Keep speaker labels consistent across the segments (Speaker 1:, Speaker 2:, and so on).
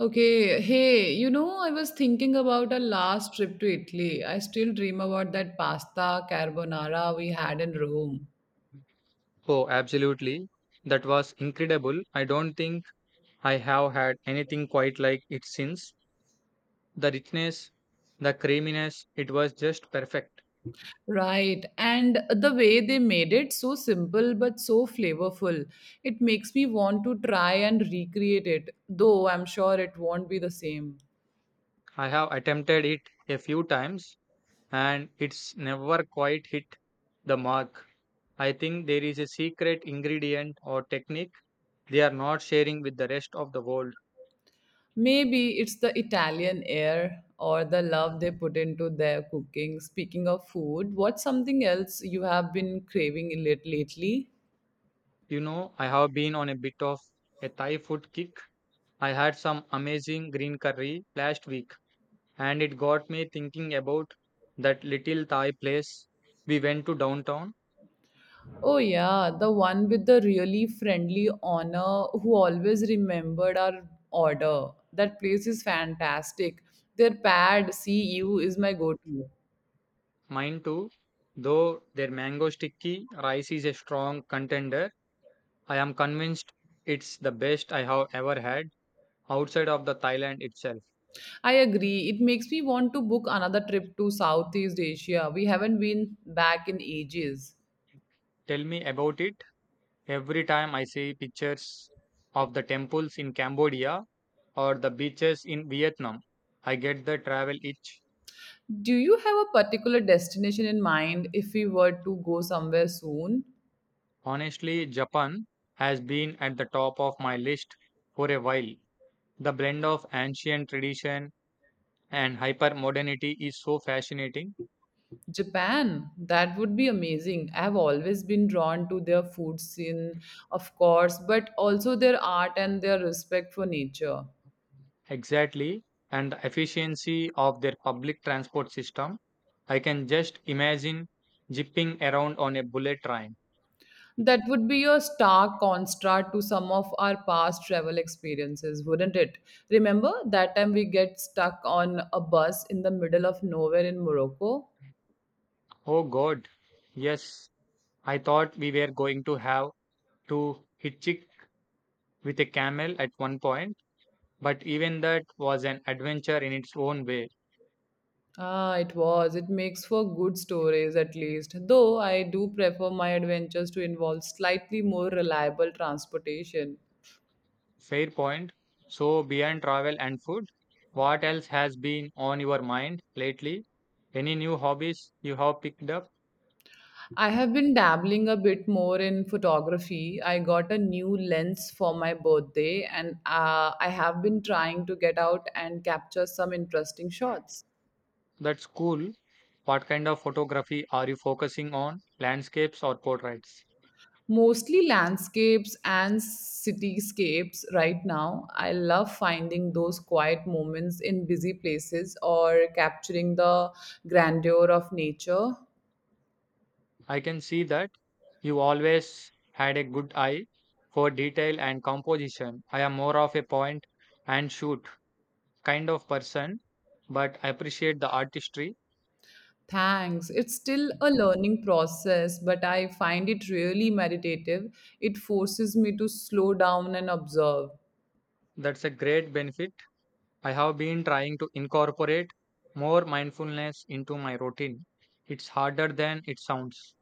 Speaker 1: Okay, hey, you know, I was thinking about our last trip to Italy. I still dream about that pasta carbonara we had in Rome.
Speaker 2: Oh, absolutely. That was incredible. I don't think I have had anything quite like it since. The richness, the creaminess, it was just perfect.
Speaker 1: Right, and the way they made it so simple but so flavorful. It makes me want to try and recreate it, though I'm sure it won't be the same.
Speaker 2: I have attempted it a few times and it's never quite hit the mark. I think there is a secret ingredient or technique they are not sharing with the rest of the world.
Speaker 1: Maybe it's the Italian air or the love they put into their cooking. Speaking of food, what's something else you have been craving lately?
Speaker 2: I have been on a bit of a Thai food kick. I had some amazing green curry last week and it got me thinking about that little Thai place we went to downtown.
Speaker 1: Oh, yeah, the one with the really friendly honor who always remembered our order. That place is fantastic. Their pad see you is my go to.
Speaker 2: Mine too, though their mango sticky rice is a strong contender. I am convinced it's the best I have ever had outside of the Thailand itself.
Speaker 1: I agree. It makes me want to book another trip to Southeast Asia. We haven't been back in ages.
Speaker 2: Tell me about it. Every time I see pictures of the temples in Cambodia or the beaches in Vietnam, I get the travel itch.
Speaker 1: Do you have a particular destination in mind if we were to go somewhere soon?
Speaker 2: Honestly, Japan has been at the top of my list for a while. The blend of ancient tradition and hyper modernity is so fascinating.
Speaker 1: Japan, that would be amazing. I've always been drawn to their food scene, of course, but also their art and their respect for nature.
Speaker 2: Exactly. And the efficiency of their public transport system. I can just imagine zipping around on a bullet train.
Speaker 1: That would be a stark contrast to some of our past travel experiences, wouldn't it? Remember that time we get stuck on a bus in the middle of nowhere in Morocco?
Speaker 2: Oh God. Yes. I thought we were going to have to hitchhike with a camel at one point, but even that was an adventure in its own way.
Speaker 1: Ah, it was. It makes for good stories at least. Though I do prefer my adventures to involve slightly more reliable transportation.
Speaker 2: Fair point. So, beyond travel and food, what else has been on your mind lately? Any new hobbies you have picked up?
Speaker 1: I have been dabbling a bit more in photography. I got a new lens for my birthday and I have been trying to get out and capture some interesting shots.
Speaker 2: That's cool. What kind of photography are you focusing on? Landscapes or portraits?
Speaker 1: Mostly landscapes and cityscapes right now. I love finding those quiet moments in busy places or capturing the grandeur of nature.
Speaker 2: I can see that you always had a good eye for detail and composition. I am more of a point and shoot kind of person, but I appreciate the artistry.
Speaker 1: Thanks. It's still a learning process, but I find it really meditative. It forces me to slow down and observe.
Speaker 2: That's a great benefit. I have been trying to incorporate more mindfulness into my routine. It's harder than it sounds.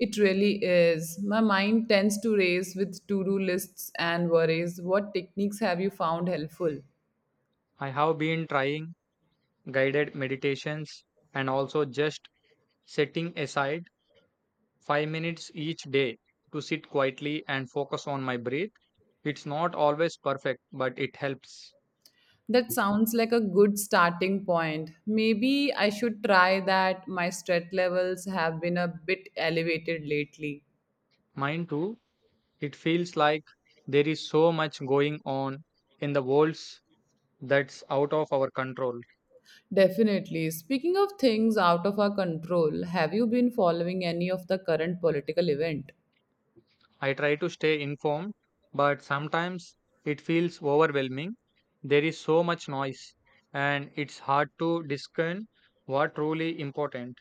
Speaker 1: It really is. My mind tends to race with to do lists and worries. What techniques have you found helpful?
Speaker 2: I have been trying guided meditations and also just setting aside 5 minutes each day to sit quietly and focus on my breath. It's not always perfect, but it helps.
Speaker 1: That sounds like a good starting point. Maybe I should try that. My stress levels have been a bit elevated lately.
Speaker 2: Mine too, it feels like there is so much going on in the world that's out of our control.
Speaker 1: Definitely. Speaking of things out of our control, have you been following any of the current political event?
Speaker 2: I try to stay informed, but sometimes it feels overwhelming. There is so much noise, and it's hard to discern what truly important.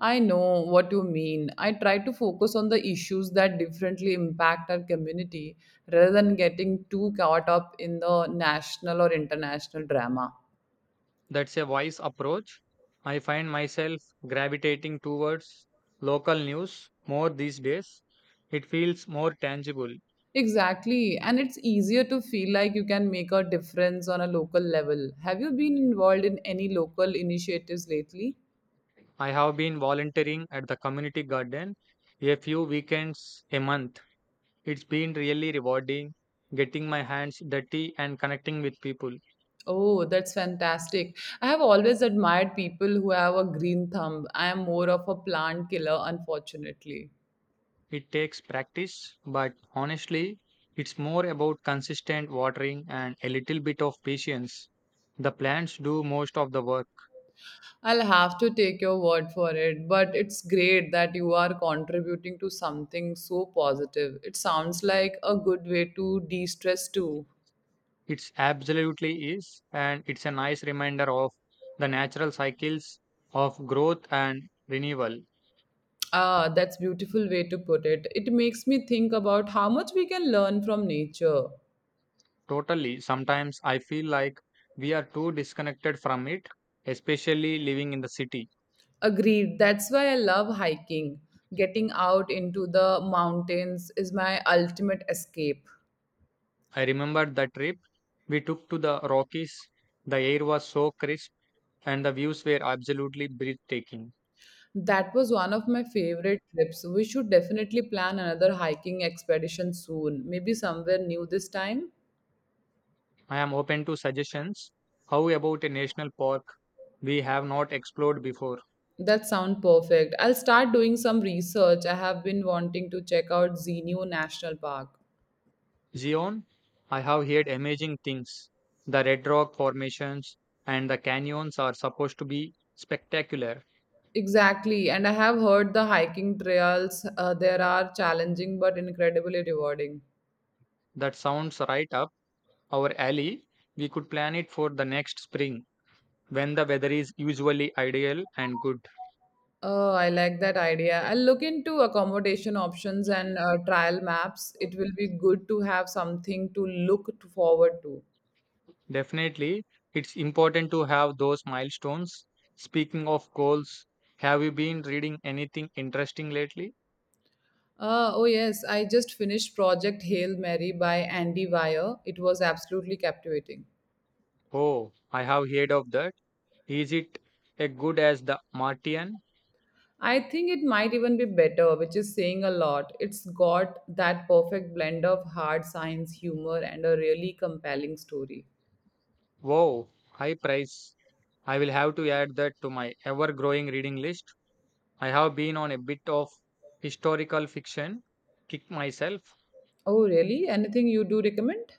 Speaker 1: I know what you mean. I try to focus on the issues that differently impact our community rather than getting too caught up in the national or international drama.
Speaker 2: That's a wise approach. I find myself gravitating towards local news more these days. It feels more tangible.
Speaker 1: Exactly. And it's easier to feel like you can make a difference on a local level. Have you been involved in any local initiatives lately?
Speaker 2: I have been volunteering at the community garden a few weekends a month. It's been really rewarding getting my hands dirty and connecting with people.
Speaker 1: Oh, that's fantastic. I have always admired people who have a green thumb. I am more of a plant killer, unfortunately.
Speaker 2: It takes practice, but honestly, it's more about consistent watering and a little bit of patience. The plants do most of the work.
Speaker 1: I'll have to take your word for it, but it's great that you are contributing to something so positive. It sounds like a good way to de stress too.
Speaker 2: It absolutely is, and it's a nice reminder of the natural cycles of growth and renewal.
Speaker 1: Ah, that's beautiful way to put it. It makes me think about how much we can learn from nature.
Speaker 2: Totally, sometimes I feel like we are too disconnected from it, especially living in the city.
Speaker 1: Agreed. That's why I love hiking. Getting out into the mountains is my ultimate escape.
Speaker 2: I remember the trip we took to the Rockies. The air was so crisp and the views were absolutely breathtaking.
Speaker 1: That was one of my favorite trips. We should definitely plan another hiking expedition soon, maybe somewhere new this time.
Speaker 2: I am open to suggestions. How about a national park we have not explored before?
Speaker 1: That sounds perfect. I'll start doing some research. I have been wanting to check out Xeniu National Park.
Speaker 2: Zion, I have heard amazing things. The red rock formations and the canyons are supposed to be spectacular.
Speaker 1: Exactly, and I have heard the hiking trails there are challenging but incredibly rewarding.
Speaker 2: That sounds right up our alley. We could plan it for the next spring when the weather is usually ideal and good.
Speaker 1: Oh, I like that idea. I'll look into accommodation options and trial maps. It will be good to have something to look to forward to.
Speaker 2: Definitely, it's important to have those milestones. Speaking of goals, have you been reading anything interesting lately?
Speaker 1: Oh, yes, I just finished Project Hail Mary by Andy Weir. It was absolutely captivating.
Speaker 2: Oh, I have heard of that. Is it as good as The Martian?
Speaker 1: I think it might even be better, which is saying a lot. It's got that perfect blend of hard science, humor, and a really compelling story.
Speaker 2: Wow, high price. I will have to add that to my ever-growing reading list. I have been on a bit of historical fiction kick myself.
Speaker 1: Oh, really? Anything you do recommend?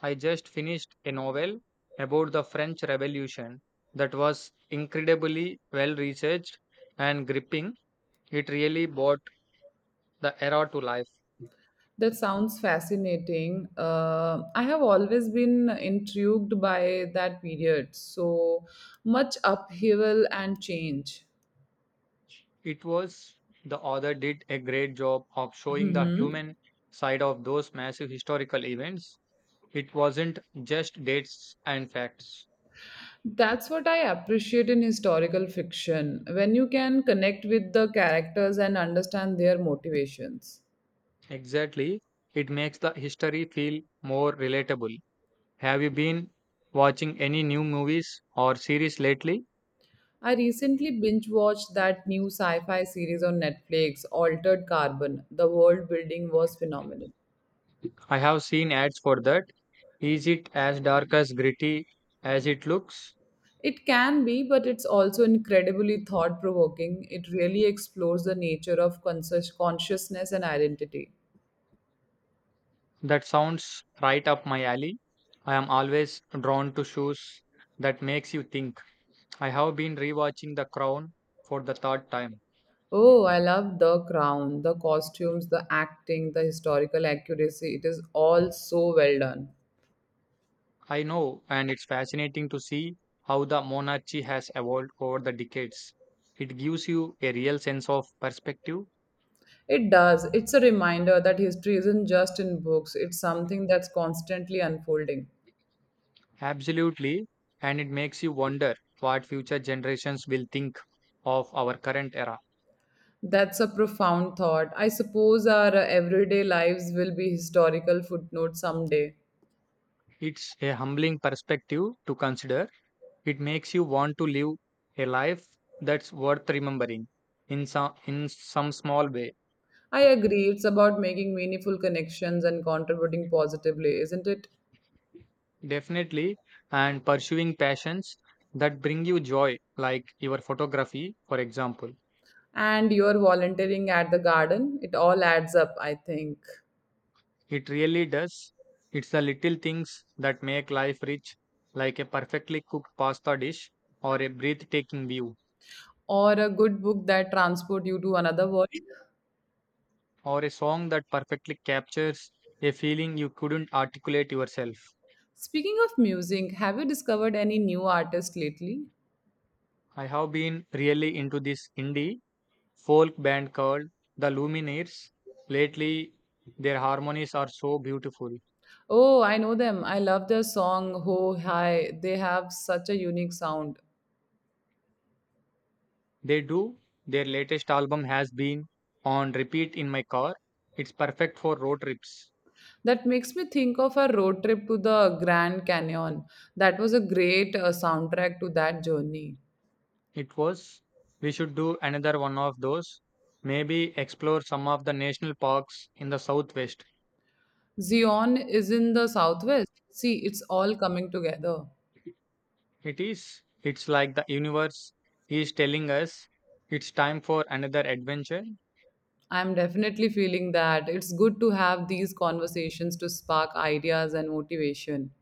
Speaker 2: I just finished a novel about the French Revolution that was incredibly well researched and gripping. It really brought the era to life.
Speaker 1: That sounds fascinating. I have always been intrigued by that period. So much upheaval and change.
Speaker 2: It was the author did a great job of showing the
Speaker 1: Mhm.
Speaker 2: human side of those massive historical events. It wasn't just dates and facts.
Speaker 1: That's what I appreciate in historical fiction when you can connect with the characters and understand their motivations.
Speaker 2: Exactly. It makes the history feel more relatable. Have you been watching any new movies or series lately?
Speaker 1: I recently binge watched that new sci fi series on Netflix, Altered Carbon. The world building was phenomenal.
Speaker 2: I have seen ads for that. Is it as dark as gritty as it looks?
Speaker 1: It can be, but it's also incredibly thought provoking. It really explores the nature of conscious consciousness and identity.
Speaker 2: That sounds right up my alley. I am always drawn to shows that makes you think. I have been rewatching The Crown for the third time.
Speaker 1: Oh, I love the crown, the costumes, the acting, the historical accuracy. It is all so well done.
Speaker 2: I know, and it's fascinating to see how the monarchy has evolved over the decades. It gives you a real sense of perspective,
Speaker 1: It does. It's a reminder that history isn't just in books, it's something that's constantly unfolding.
Speaker 2: absolutely, and it makes you wonder what future generations will think of our current era.
Speaker 1: That's a profound thought. I suppose our everyday lives will be historical footnotes someday.
Speaker 2: It's a humbling perspective to consider. It makes you want to live a life that's worth remembering in some small way.
Speaker 1: I agree. It's about making meaningful connections and contributing positively, isn't it?
Speaker 2: Definitely, and pursuing passions that bring you joy, like your photography, for example.
Speaker 1: And you're volunteering at the garden. It all adds up, I think.
Speaker 2: It really does. It's the little things that make life rich, like a perfectly cooked pasta dish or a breathtaking view
Speaker 1: Or a good book that transport you to another world.
Speaker 2: or a song that perfectly captures a feeling you couldn't articulate yourself.
Speaker 1: Speaking of music, have you discovered any new artists lately?
Speaker 2: I have been really into this indie folk band called the Lumineers. Lately, their harmonies are so beautiful.
Speaker 1: Oh, I know them. I love their song Ho Hi. They have such a unique sound.
Speaker 2: They do. Their latest album has been on repeat in my car. It's perfect for road trips.
Speaker 1: That makes me think of a road trip to the Grand Canyon. That was a great soundtrack to that journey.
Speaker 2: It was. We should do another one of those. Maybe explore some of the national parks in the southwest.
Speaker 1: Zion is in the southwest. See, it's all coming together.
Speaker 2: It is. It's like the universe is telling us it's time for another adventure.
Speaker 1: I'm definitely feeling that. It's good to have these conversations to spark ideas and motivation,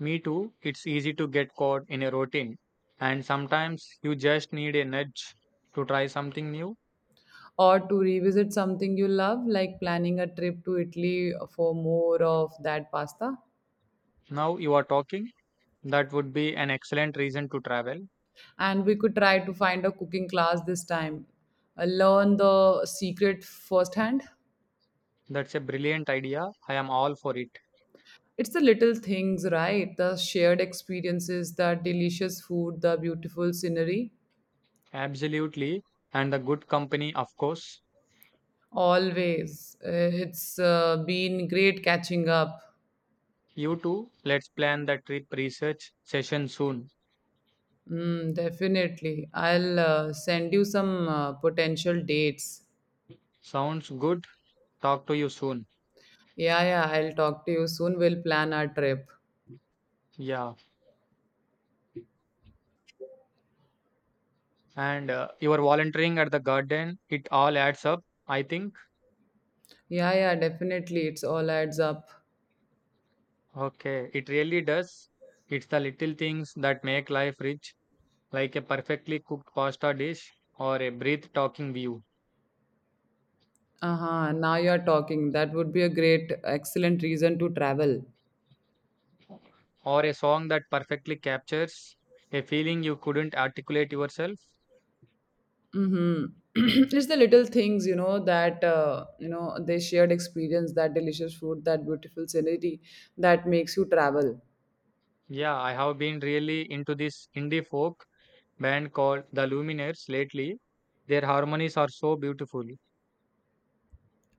Speaker 2: Me too, it's easy to get caught in a routine, and sometimes you just need a nudge to try something new.
Speaker 1: or to revisit something you love, like planning a trip to Italy for more of that pasta.
Speaker 2: Now you are talking, that would be an excellent reason to travel.
Speaker 1: And we could try to find a cooking class this time, learn the secret firsthand.
Speaker 2: That's a brilliant idea. I am all for it.
Speaker 1: It's the little things, right? The shared experiences, the delicious food, the beautiful scenery.
Speaker 2: Absolutely, and the good company, of course.
Speaker 1: Always. It's been great catching up.
Speaker 2: You too, let's plan the trip research session soon.
Speaker 1: Mm, definitely. I'll send you some potential dates.
Speaker 2: Sounds good. Talk to you soon.
Speaker 1: Yeah, yeah, I'll talk to you soon. We'll plan our trip.
Speaker 2: Yeah, and you are volunteering at the garden, it all adds up, I think.
Speaker 1: Yeah, yeah, definitely. It's all adds up.
Speaker 2: Okay, it really does. It's the little things that make life rich, like a perfectly cooked pasta dish, or a breathtaking view,
Speaker 1: Uh-huh. Now you're talking. That would be a great, excellent reason to travel.
Speaker 2: or a song that perfectly captures a feeling you couldn't articulate yourself.
Speaker 1: Mm-hmm. it's the little things, you know, that, you know, they shared experience, that delicious food, that beautiful scenery that makes you travel.
Speaker 2: Yeah, I have been really into this indie folk band called The Lumineers lately. Their harmonies are so beautiful.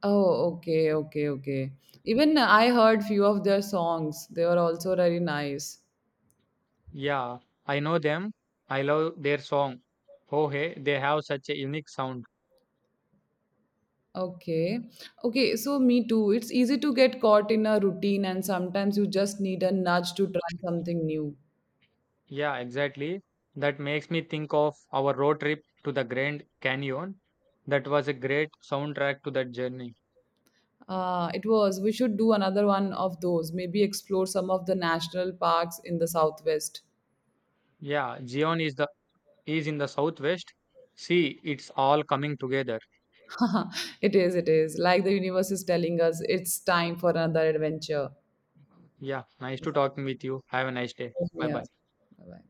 Speaker 1: Oh, okay, okay, okay. Even I heard few of their songs. They were also very nice.
Speaker 2: Yeah, I know them. I love their song. Oh, hey, they have such a unique sound.
Speaker 1: Okay. Okay, so me too. It's easy to get caught in a routine and sometimes you just need a nudge to try something new.
Speaker 2: Yeah, exactly. That makes me think of our road trip to the Grand Canyon. That was a great soundtrack to that journey.
Speaker 1: It was. We should do another one of those. Maybe explore some of the national parks in the southwest.
Speaker 2: Yeah, Zion is the is in the southwest. See, it's all coming together.
Speaker 1: It is, it is. Like the universe is telling us, it's time for another adventure.
Speaker 2: Yeah, nice to talking with you. Have a nice day. Bye
Speaker 1: Yeah.
Speaker 2: bye.
Speaker 1: Bye-bye.